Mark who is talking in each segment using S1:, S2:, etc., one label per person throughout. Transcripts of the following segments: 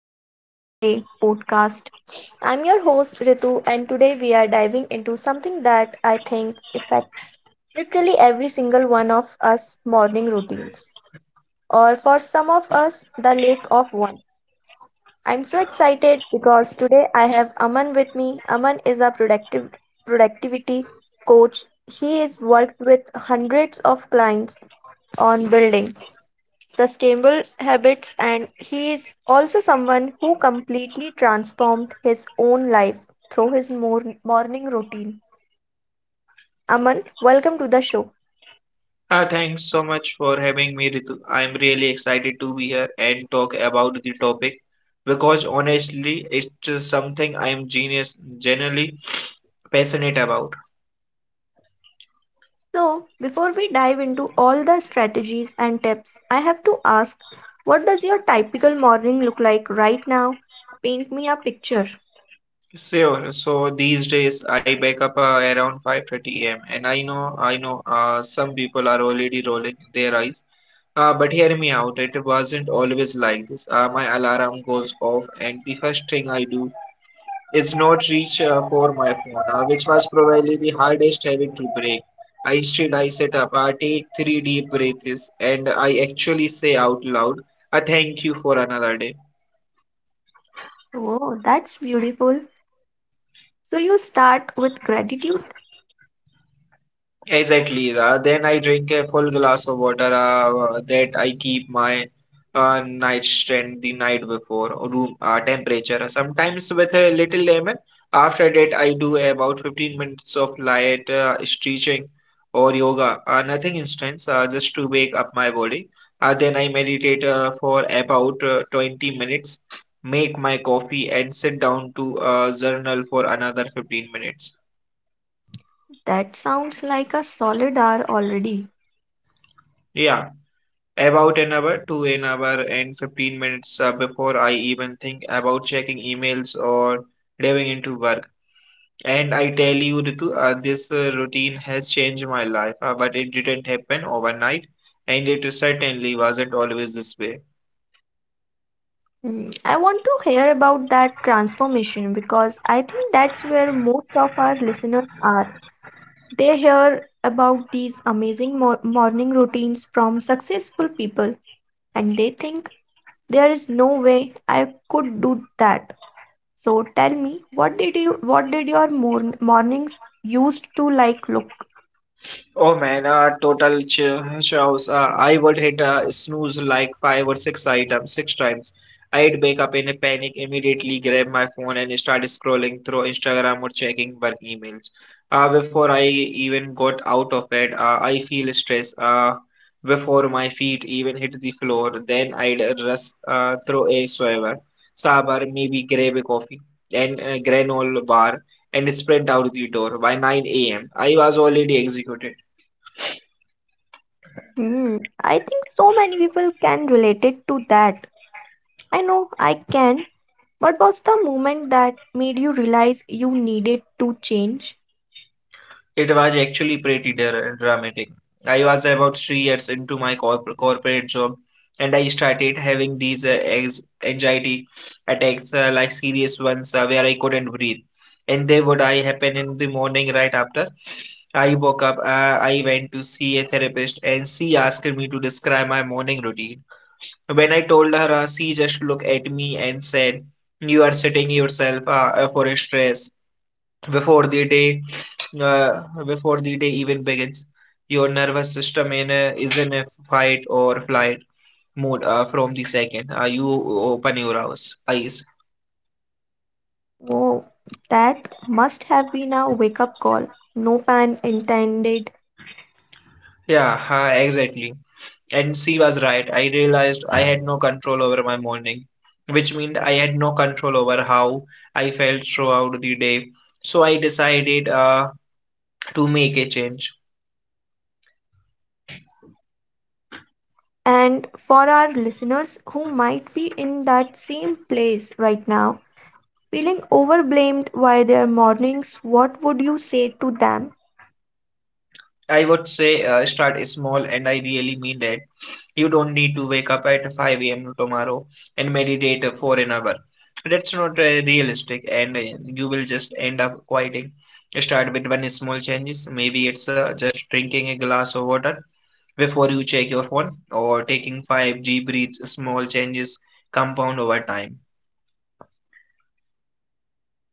S1: of the Better Day podcast. I'm your host Ritu, and today we are diving into something that I think affects literally every single one of us morning routines, or for some of us, the lack of one. I'm so excited because today I have Aman with me. Aman is a productive productivity coach. He has worked with hundreds of clients on building sustainable habits, and he is also someone who completely transformed his own life through his morning routine. Aman, welcome to the show.
S2: Thanks so much for having me, Ritu. I'm really excited to be here and talk about the topic because honestly, it's just something I'm genius generally passionate about.
S1: So, before we dive into all the strategies and tips, I have to ask, what does your typical morning look like right now? Paint me a picture.
S2: Sure. So these days I wake up around 5:30 a.m. And I know, some people are already rolling their eyes. But hear me out. It wasn't always like this. My alarm goes off, and the first thing I do its not reach for my phone, which was probably the hardest habit to break. I set up, take three deep breaths, and I actually say out loud, "I thank you for another day."
S1: Oh, that's beautiful. So, you start with gratitude.
S2: Exactly. Then I drink a full glass of water that I keep my nightstand the night before or room temperature. Sometimes with a little lemon. After that, I do about 15 minutes of light stretching or yoga. Nothing intense, just to wake up my body. Then I meditate for about 20 minutes, make my coffee, and sit down to journal for another 15 minutes.
S1: That sounds like a solid hour already.
S2: Yeah. About an hour to an hour and 15 minutes before I even think about checking emails or diving into work. And I tell you, Ritu, this routine has changed my life, but it didn't happen overnight, and it certainly wasn't always this way.
S1: Mm, I want to hear about that transformation because I think that's where most of our listeners are. They hear about these amazing morning routines from successful people and they think there is no way I could do that. So tell me, what did your mornings used to like look?
S2: Oh man, a total ch chaos. I would hit a snooze like five or six items, six times. I'd wake up in a panic, immediately grab my phone and start scrolling through Instagram or checking work emails. Before I even got out of bed, I feel stress. Before my feet even hit the floor, then I'd rush through a sabar, maybe grab a coffee and a granola bar and sprint out the door by 9 a.m. I was already executed.
S1: Hmm, I think so many people can relate it to that. I know I can. What was the moment that made you realize you needed to change?
S2: It was actually pretty dramatic. I was about 3 years into my corporate job, and I started having these anxiety attacks, like serious ones, where I couldn't breathe. And they would I happen in the morning right after I woke up. I went to see a therapist, and she asked me to describe my morning routine. When I told her, she just looked at me and said, "You are setting yourself for a stress." before the day uh, Before the day even begins your nervous system is in a fight or flight mode from the second you open your eyes.
S1: Oh, that must have been a wake up call. No pun intended.
S2: Yeah, exactly. And she was right. I realized I had no control over my morning, which meant I had no control over how I felt throughout the day. So I decided to make a change.
S1: And for our listeners who might be in that same place right now, feeling overblamed by their mornings, what would you say to them?
S2: I would say start small, and I really mean that. You don't need to wake up at 5 a.m. tomorrow and meditate for an hour. That's not realistic, and you will just end up quitting. Start with one small changes. Maybe it's just drinking a glass of water before you check your phone, or taking five deep breaths. Small changes compound over time.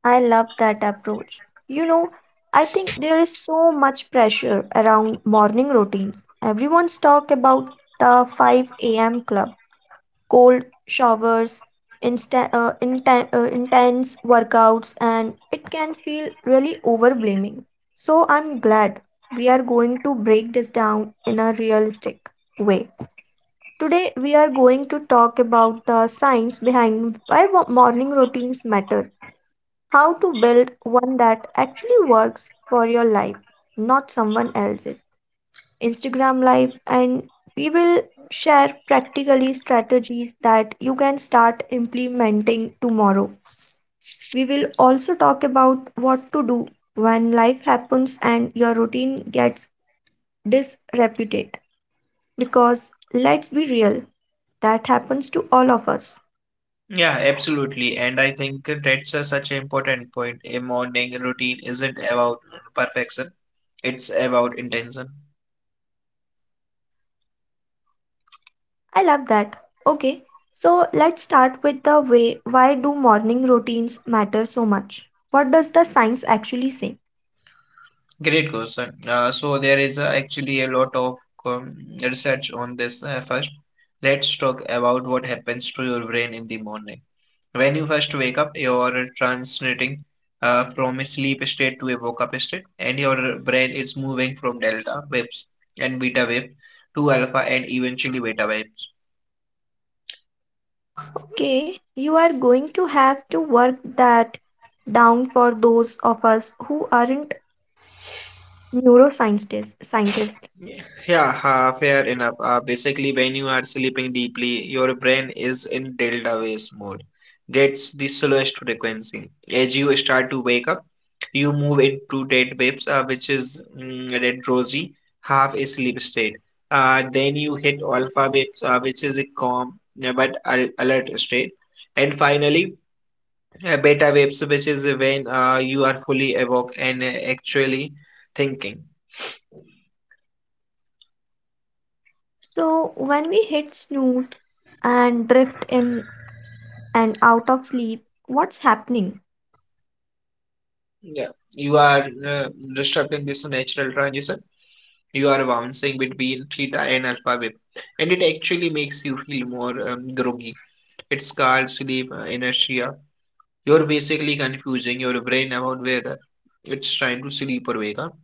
S1: I love that approach. You know, I think there is so much pressure around morning routines. Everyone's talk about the 5 a.m. club, cold showers, intense workouts, and it can feel really overwhelming. So, I'm glad we are going to break this down in a realistic way. Today, we are going to talk about the science behind why morning routines matter, how to build one that actually works for your life, not someone else's. Instagram Live, and we will share practically strategies that you can start implementing tomorrow. We will also talk about what to do when life happens and your routine gets disreputed. Because let's be real, that happens to all of us.
S2: Yeah, absolutely. And I think that's a such an important point. A morning routine isn't about perfection; it's about intention.
S1: I love that. Okay, so let's start with the way, why do morning routines matter so much? What does the science actually say?
S2: Great question. So there is actually a lot of um, research on this. First, let's talk about what happens to your brain in the morning. When you first wake up, you're transiting from a sleep state to a woke up state, and your brain is moving from delta waves and beta wave to alpha and eventually beta waves.
S1: Okay, you are going to have to work that down for those of us who aren't neuroscientists. Scientists.
S2: Yeah, ha, fair enough. Basically, when you are sleeping deeply, your brain is in delta waves mode. That's the slowest frequency. As you start to wake up, you move into dead waves, which is that rosy, half asleep state. Then you hit alpha waves, which is a calm but alert state. And finally, beta waves, which is when you are fully awake and actually thinking.
S1: So, when we hit snooze and drift in and out of sleep, what's happening?
S2: Yeah, you are disrupting this natural transition. You are bouncing between theta and alpha wave, and it actually makes you feel more groggy. It's called sleep inertia. You're basically confusing your brain about whether it's trying to sleep or wake up.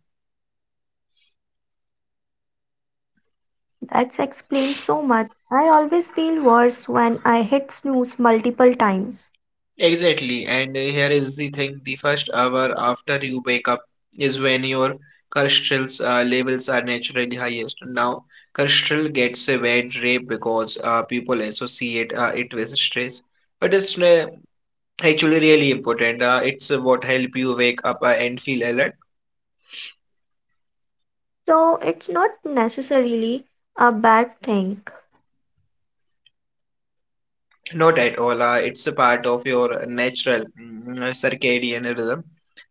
S1: That's explained so much. I always feel worse when I hit snooze multiple times.
S2: Exactly, and here is the thing: the first hour after you wake up is when your cholesterol levels are naturally highest. Now, cholesterol gets a bad rap because people associate it with stress, but it's actually really important. It's what help you wake up and feel alert.
S1: So, it's not necessarily a bad thing.
S2: Not at all. It's a part of your natural circadian rhythm.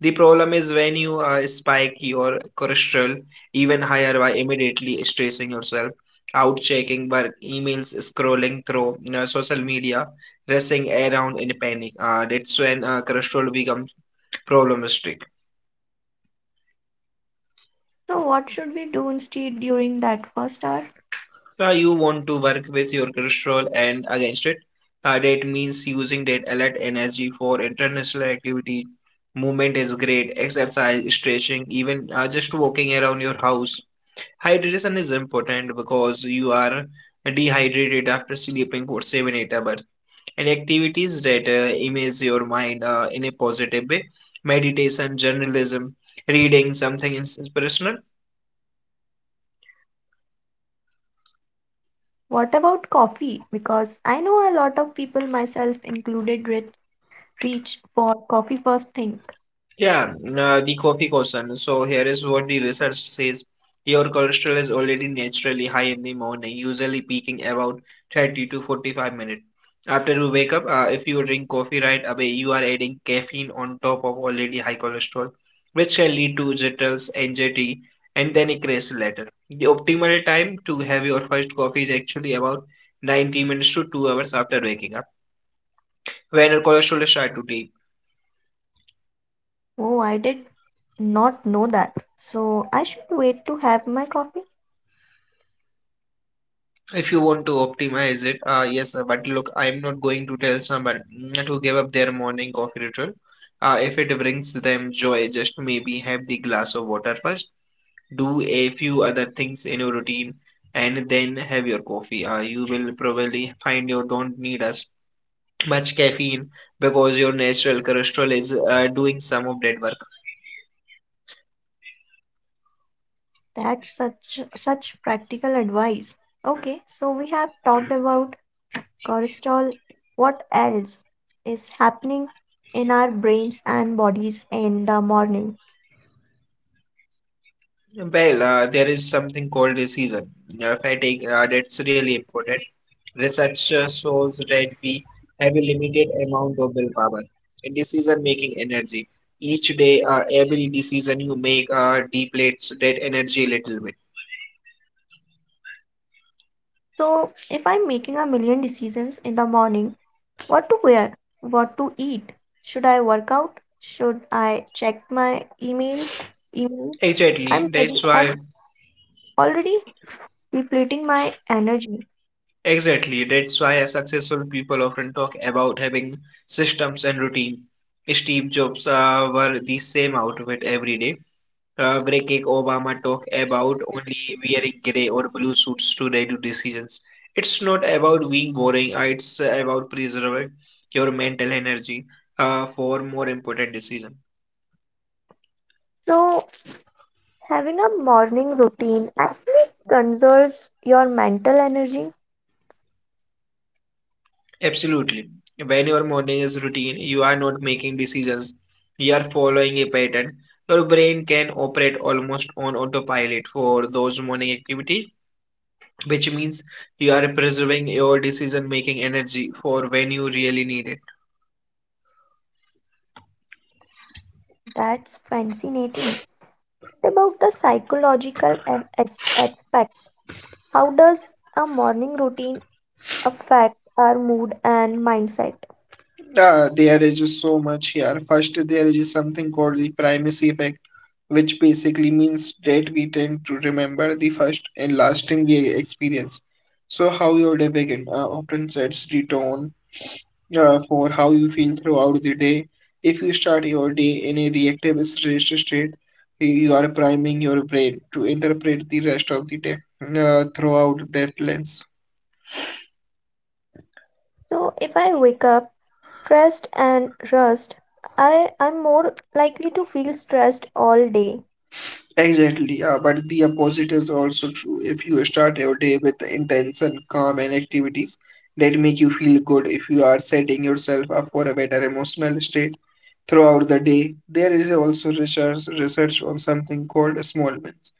S2: The problem is when you spike your cholesterol even higher by immediately stressing yourself, out checking work, emails, scrolling through social media, racing around in panic. That's when cholesterol becomes problematic.
S1: So, what should we do instead during that first hour?
S2: You want to work with your cholesterol and against it. That means using that alert energy for international activity. Movement is great, exercise, stretching, even just walking around your house. Hydration is important because you are dehydrated after sleeping for 7 8 hours. And activities that immerse your mind in a positive way: meditation, journalism, reading something inspirational.
S1: What about coffee? Because I know a lot of people, myself included, reach for coffee first thing.
S2: Yeah, the coffee question. So here is what the research says. Your cholesterol is already naturally high in the morning, usually peaking about 30 to 45 minutes. After you wake up, if you drink coffee right away, you are adding caffeine on top of already high cholesterol, which can lead to jitters, anxiety, and then a crash later. The optimal time to have your first coffee is actually about 90 minutes to 2 hours after waking up, when your cholesterol is starts to dip.
S1: Oh, I did not know that. So I should wait to have my coffee.
S2: If you want to optimize it yes, but look, I'm not going to tell somebody to give up their morning coffee ritual if it brings them joy. Just maybe have the glass of water first, do a few other things in your routine, and then have your coffee. You will probably find you don't need as much caffeine because your natural cholesterol is doing some of that work.
S1: That's such practical advice. Okay, so we have talked about cholesterol. What else is happening in our brains and bodies in the morning?
S2: Well, there is something called a season fatigue that's really important. Research shows that we have a limited amount of willpower in decision-making energy. Each day, every decision you make depletes that energy a little bit.
S1: So if I'm making a million decisions in the morning, what to wear? What to eat? Should I work out? Should I check my emails? Email? I'm
S2: Exactly. That's
S1: ready.
S2: why.
S1: I'm already depleting my energy.
S2: Exactly. That's why successful people often talk about having systems and routine. Steve Jobs were the same outfit every day. Breaking Obama talk about only wearing gray or blue suits to radio decisions. It's not about being boring, it's about preserving your mental energy for more important decisions.
S1: So, having a morning routine actually conserves your mental energy.
S2: Absolutely. When your morning is routine, you are not making decisions, you are following a pattern. Your brain can operate almost on autopilot for those morning activities, which means you are preserving your decision making energy for when you really need it.
S1: That's fascinating. What about the psychological aspect? How does a morning routine affect our mood and mindset?
S2: There is just so much here. First, there is something called the primacy effect, which basically means that we tend to remember the first and lasting thing experience. So, how your day begin often sets the tone for how you feel throughout the day. If you start your day in a reactive stress state, you are priming your brain to interpret the rest of the day throughout that lens.
S1: So if I wake up stressed and rushed, I'm more likely to feel stressed all day.
S2: Exactly, yeah, but the opposite is also true. If you start your day with intention, calm, and activities that make you feel good, if you are setting yourself up for a better emotional state throughout the day, there is also research on something called small wins.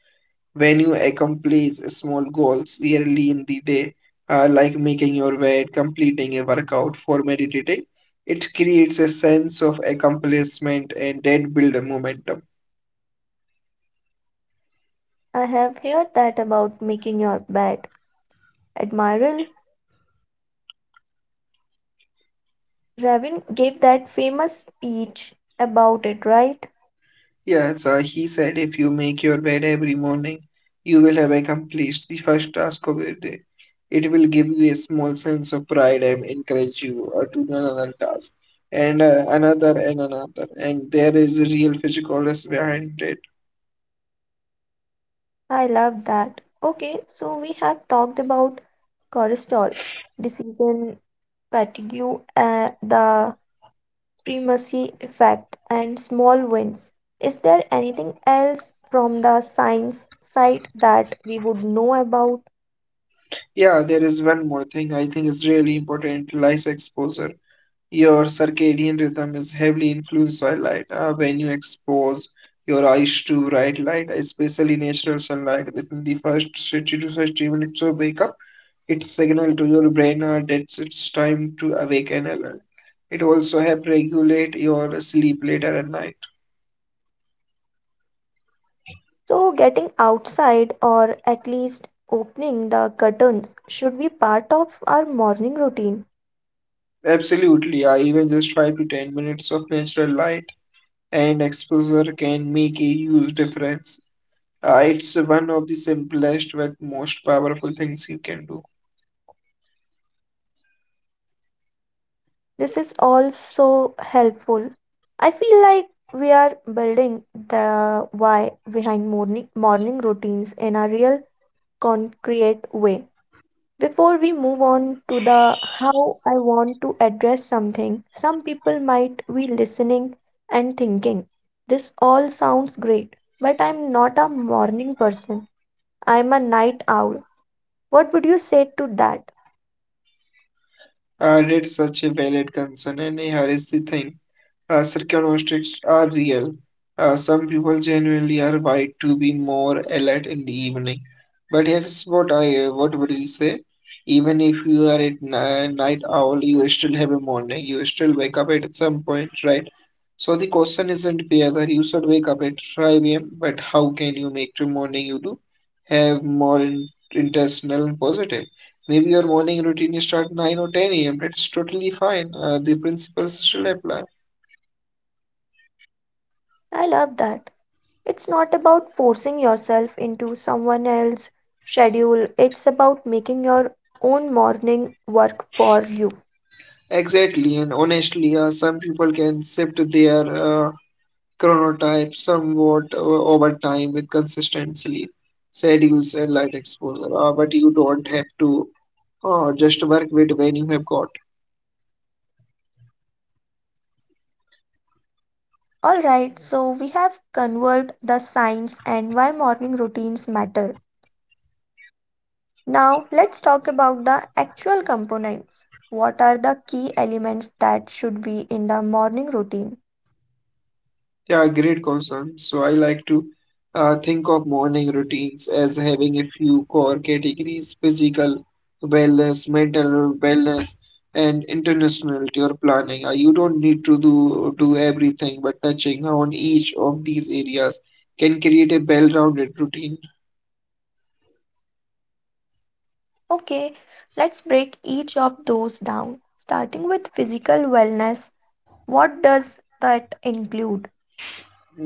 S2: When you accomplish small goals yearly in the day, like making your bed, completing a workout, for meditating, it creates a sense of accomplishment and that build a momentum.
S1: I have heard that about making your bed. Admiral Ravin gave that famous speech about it, right?
S2: Yeah, so he said if you make your bed every morning, you will have accomplished the first task of the day. It will give you a small sense of pride and encourage you to do another task and another and another. And there is a real physical physicolness behind it.
S1: I love that. Okay, so we have talked about cortisol, decision fatigue, the primacy effect and small wins. Is there anything else from the science side that we would know about?
S2: Yeah, there is one more thing I think is really important, lies exposure. Your circadian rhythm is heavily influenced by light. When you expose your eyes to bright light, especially natural sunlight, within the first 30 to 60 minutes of wake up, it signals to your brain that it's time to awake and alert. It also helps regulate your sleep later at night.
S1: So, getting outside or at least opening the curtains should be part of our morning routine.
S2: Absolutely, I even just 5 to 10 minutes of natural light and exposure can make a huge difference. It's one of the simplest but most powerful things you can do.
S1: This is also helpful. I feel like we are building the why behind morning routines in a real concrete way. Before we move on to the how, I want to address something. Some people might be listening and thinking, this all sounds great, but I'm not a morning person. I'm a night owl. What would you say to that?
S2: That's such a valid concern and a the thing. Circumstances are real. Some people genuinely are wired to be more alert in the evening. But here's what I what would you say? Even if you are at night owl, you still have a morning. You still wake up at some point, right? So the question isn't whether you should wake up at 5 a.m., but how can you make your morning you do have more intentional and positive? Maybe your morning routine start 9 or 10 a.m. That's totally fine. The principles still apply.
S1: I love that. It's not about forcing yourself into someone else's schedule, it's about making your own morning work for you.
S2: Exactly, and honestly, some people can shift their uh, chronotype somewhat over time with consistency, schedules, and light exposure. But you don't have to just work with when you have got.
S1: All right, so we have covered the science and why morning routines matter. Now, let's talk about the actual components. What are the key elements that should be in the morning routine?
S2: Yeah, great concern. So I like to think of morning routines as having a few core categories: physical wellness, mental wellness, and international or planning. You don't need to do everything, but touching on each of these areas can create a well-rounded routine.
S1: Okay, let's break each of those down. Starting with physical wellness, what does that include?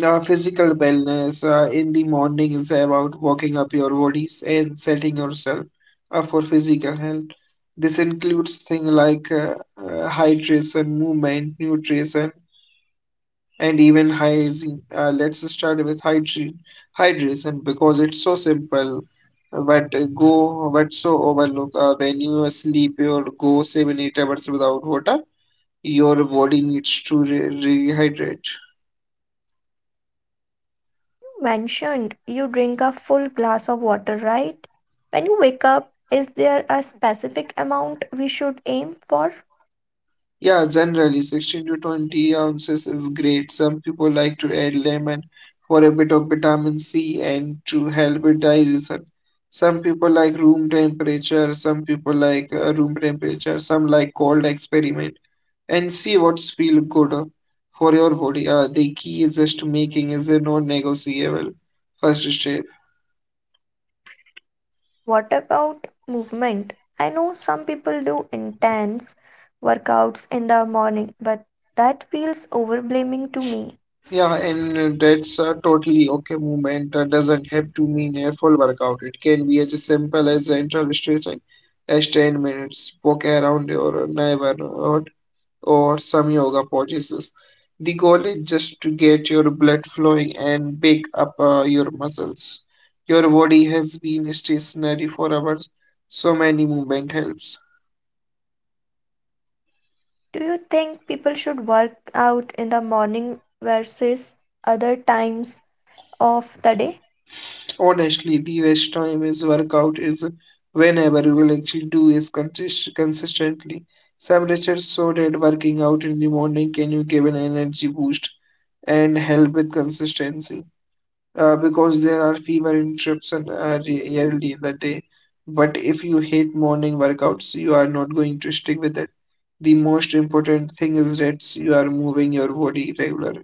S2: Physical wellness in the morning is about walking up your bodies and setting yourself up for physical health. This includes things like hydration, movement, nutrition, and even hygiene. Let's start with hygiene, hydration because it's so simple, but go but so overlook. When you sleep or go 7 8 hours without water, your body needs to rehydrate.
S1: You mentioned you drink a full glass of water, right? When you wake up, is there a specific amount we should aim for?
S2: Yeah, generally 16 to 20 ounces is great. Some people like to add lemon for a bit of vitamin C and to help with digestion. Some people like room temperature, some people like room temperature, some like cold experiment and see what's feel good for your body. The key is just making is a non-negotiable first step.
S1: What about movement? I know some people do intense workouts in the morning, but that feels overwhelming to me.
S2: Yeah, and that's a totally okay movement. Doesn't have to mean a full workout. It can be as simple as interval stretching, as 10 minutes, walk around your neighborhood, or some yoga poses. The goal is just to get your blood flowing and bake up your muscles. Your body has been stationary for hours, so many movement helps.
S1: Do you think people should work out in the morning versus other times of the day?
S2: Honestly, the best time is workout is whenever you will actually do is consistently. Some research show that working out in the morning can you give an energy boost and help with consistency because there are fewer interruptions early in the day. But if you hate morning workouts, you are not going to stick with it. The most important thing is that you are moving your body regularly.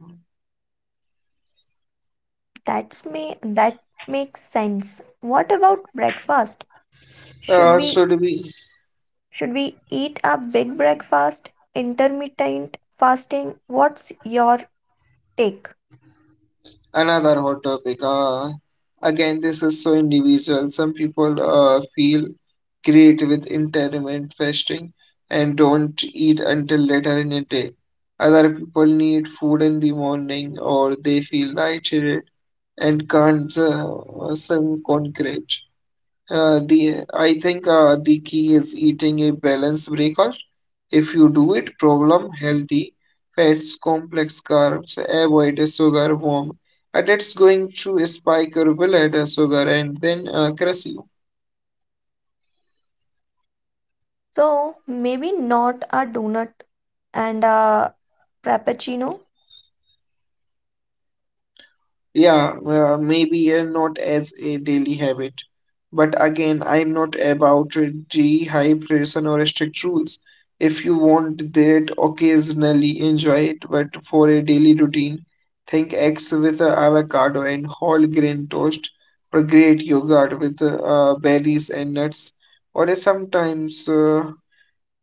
S1: That's me, that makes sense. What about breakfast? Should we
S2: So do we.
S1: should we eat a big breakfast, intermittent fasting? What's your take?
S2: Another hot topic. Again, this is so individual. Some people feel great with intermittent fasting and don't eat until later in the day. Other people need food in the morning or they feel lightheaded and can't some concrete. The I think the key is eating a balanced breakfast. If you do it, problem healthy fats, complex carbs, avoid sugar, warm. That's going to spike your blood sugar and then crush you.
S1: So maybe not a donut and a frappuccino.
S2: Yeah, maybe not as a daily habit. But again, I'm not about dehydration or strict rules. If you want that, occasionally enjoy it. But for a daily routine, think eggs with avocado and whole grain toast, or great yogurt with berries and nuts, or sometimes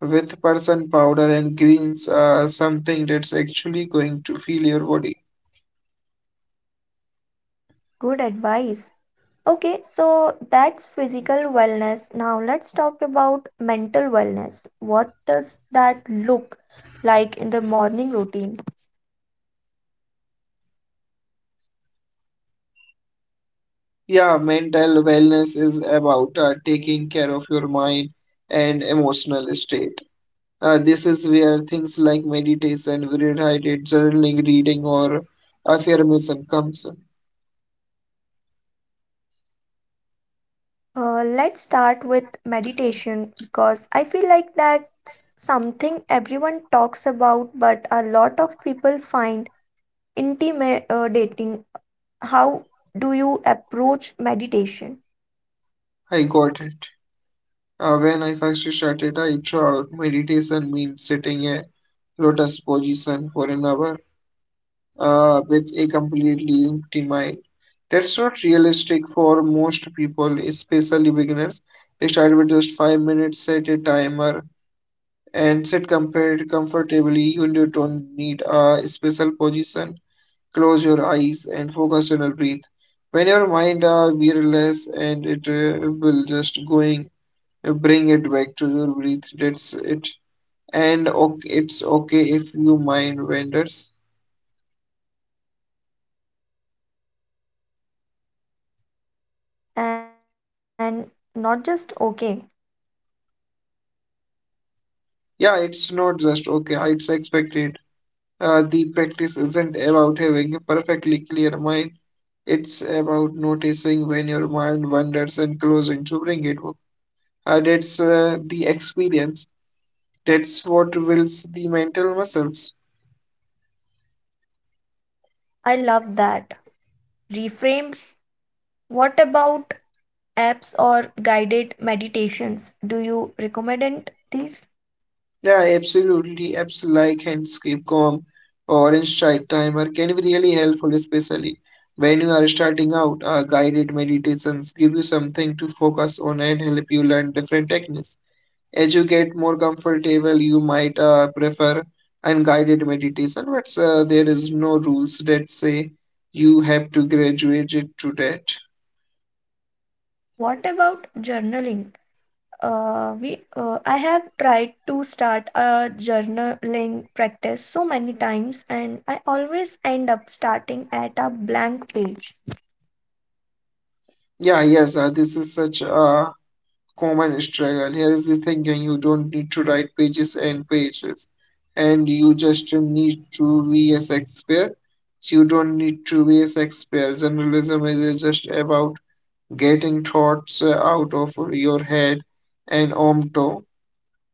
S2: with person powder and greens, something that's actually going to feel your body.
S1: Good advice. Okay, so that's physical wellness. Now let's talk about mental wellness. What does that look like in the morning routine?
S2: Yeah, mental wellness is about taking care of your mind and emotional state. This is where things like meditation, gratitude, journaling, reading, or affirmation comes in.
S1: Let's start with meditation because I feel like that's something everyone talks about, but a lot of people find intimidating. How do you approach meditation?
S2: I got it. When I first started, I thought meditation means sitting a lotus position for an hour with a completely empty mind. That's not realistic for most people, especially beginners. Start with just 5 minutes, set a timer and sit compared comfortably. You don't need a special position. Close your eyes and focus on your breath. When your mind wearless and it will just going bring it back to your breath. That's it. And okay, it's okay if your mind wanders.
S1: And not just okay.
S2: Yeah, it's not just okay. It's expected. The practice isn't about having a perfectly clear mind. It's about noticing when your mind wanders and closing to bring it that's the experience. That's what builds the mental muscles.
S1: I love that. Reframed. What about apps or guided meditations? Do you recommend it- these?
S2: Yeah, absolutely. Apps like Handscape Calm or Insight Timer can be really helpful, especially when you are starting out. Guided meditations give you something to focus on and help you learn different techniques. As you get more comfortable, you might prefer unguided meditation, but there is no rules that say you have to graduate it to that.
S1: What about journaling? We I have tried to start a journaling practice so many times, and I always end up starting at a blank page.
S2: Yeah, yes, this is such a common struggle. Here is the thinking you don't need to write pages and pages, and you just need to be a Shakespeare. You don't need to be a Shakespeare. Journalism is just about getting thoughts out of your head and onto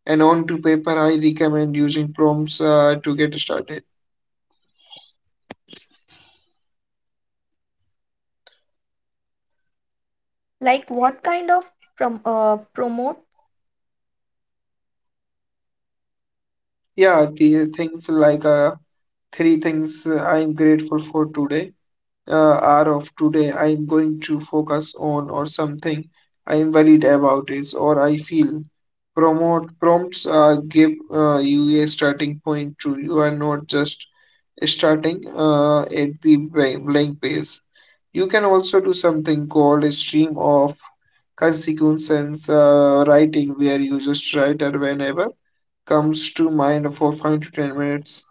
S2: and onto paper. I recommend using prompts to get started.
S1: Like what kind of promote?
S2: Yeah, the things like three things I'm grateful for today hour of today I am going to focus on or something I am worried about is or I feel. Promote Prompts give you a starting point to you are not just starting at the blank page. You can also do something called a stream of consequences writing where you just write it whenever comes to mind for 5 to 10 minutes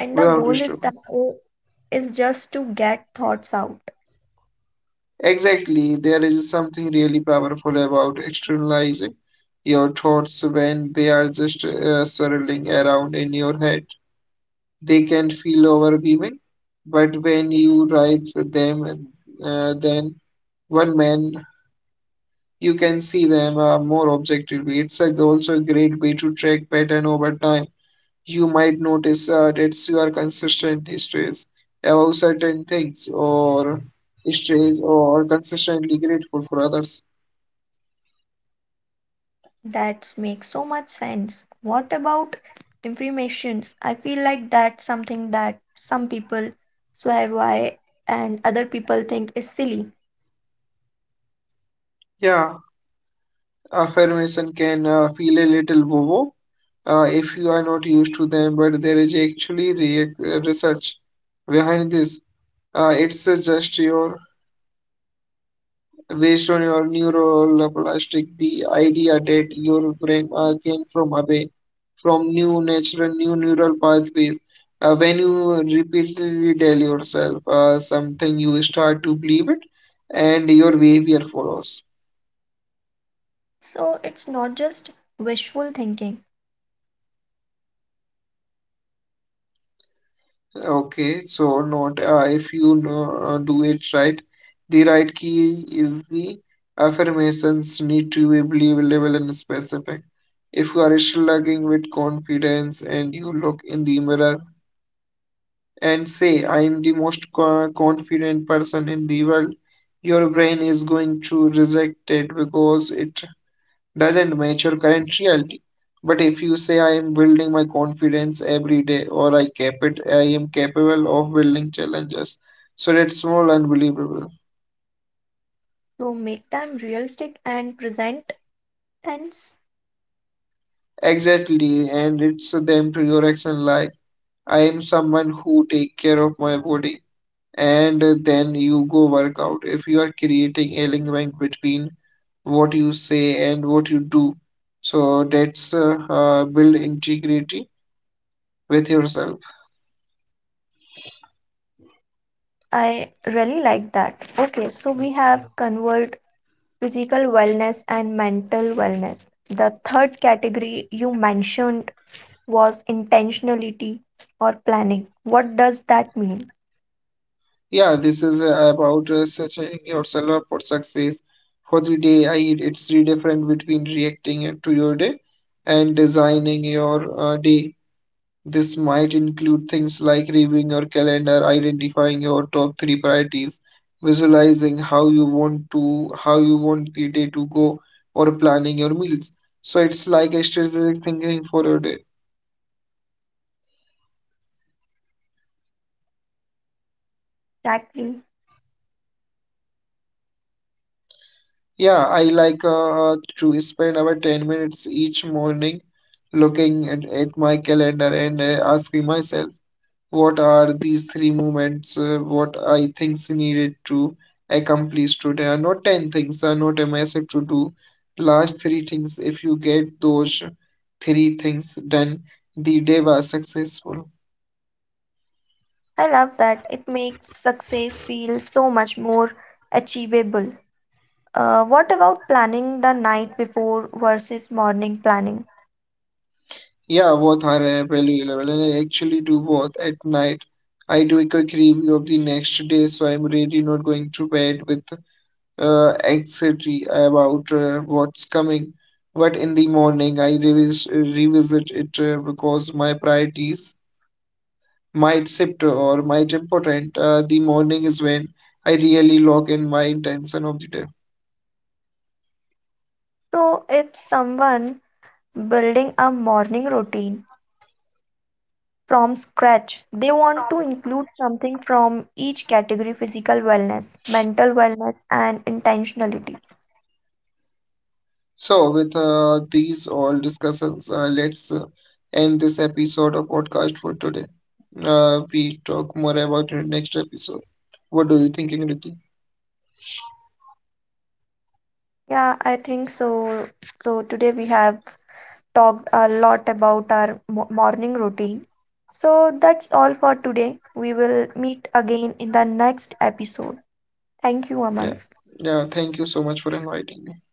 S1: And the
S2: without
S1: goal is
S2: disturbance.
S1: that is just to get thoughts out.
S2: Exactly, there is something really powerful about externalizing your thoughts when they are just swirling around in your head. They can feel overwhelming, but when you write them, then one man you can see them more objectively. It's a, also a great way to track pattern over time. You might notice that you are consistently stressed about certain things or stressed or consistently grateful for others.
S1: That makes so much sense. What about affirmations? I feel like that's something that some people swear by and other people think is silly.
S2: Yeah, affirmation can feel a little woo-woo if you are not used to them, but there is actually research behind this. It's just your Based on your neuroplastic, the idea that your brain came from away from new natural new neural pathways. When you repeatedly tell yourself something, you start to believe it, and your behavior follows.
S1: So it's not just wishful thinking.
S2: Okay, so not if you do it right. The right key is the affirmations need to be believable and specific. If you are slugging with confidence and you look in the mirror and say, I am the most confident person in the world, your brain is going to reject it because it doesn't match your current reality. But if you say I am building my confidence every day or I am capable of building challenges. So that's more unbelievable.
S1: So make them realistic and present tense.
S2: Exactly, and it's them to your action like I am someone who take care of my body and then you go work out. If you are creating alignment between what you say and what you do, so that's build integrity with yourself.
S1: I really like that. Okay, so we have convert physical wellness and mental wellness. The third category you mentioned was intentionality or planning. What does that mean?
S2: Yeah, this is about setting yourself up for success for the day. I it's really different between reacting to your day and designing your day. This might include things like reviewing your calendar, identifying your top 3 priorities, visualizing how you want the day to go, or planning your meals. So it's like a strategic thinking for your day.
S1: Exactly.
S2: Yeah, I like to spend about 10 minutes each morning looking at my calendar and asking myself, what are these 3 movements, what I think's needed to accomplish today? Are not 10 things, are not a massive to do. Last 3 things, if you get those 3 things done, the day was successful.
S1: I love that. It makes success feel so much more achievable. What about planning the night before versus morning planning?
S2: Yeah, both are value level, and I actually do both at night. I do a quick review of the next day, so I'm really not going to bed with anxiety about what's coming. But in the morning, I revisit it because my priorities might shift or might important. The morning is when I really lock in my intention of the day.
S1: So, if someone building a morning routine from scratch, they want to include something from each category physical wellness, mental wellness, and intentionality.
S2: So, with these all discussions, let's end this episode of podcast for today. We talk more about it in next episode. What do you think, Enrique?
S1: Yeah, I think so. So, today we have talked a lot about our morning routine. So that's all for today. We will meet again in the next episode. Thank you, Aman.
S2: Yeah. Yeah, thank you so much for inviting me.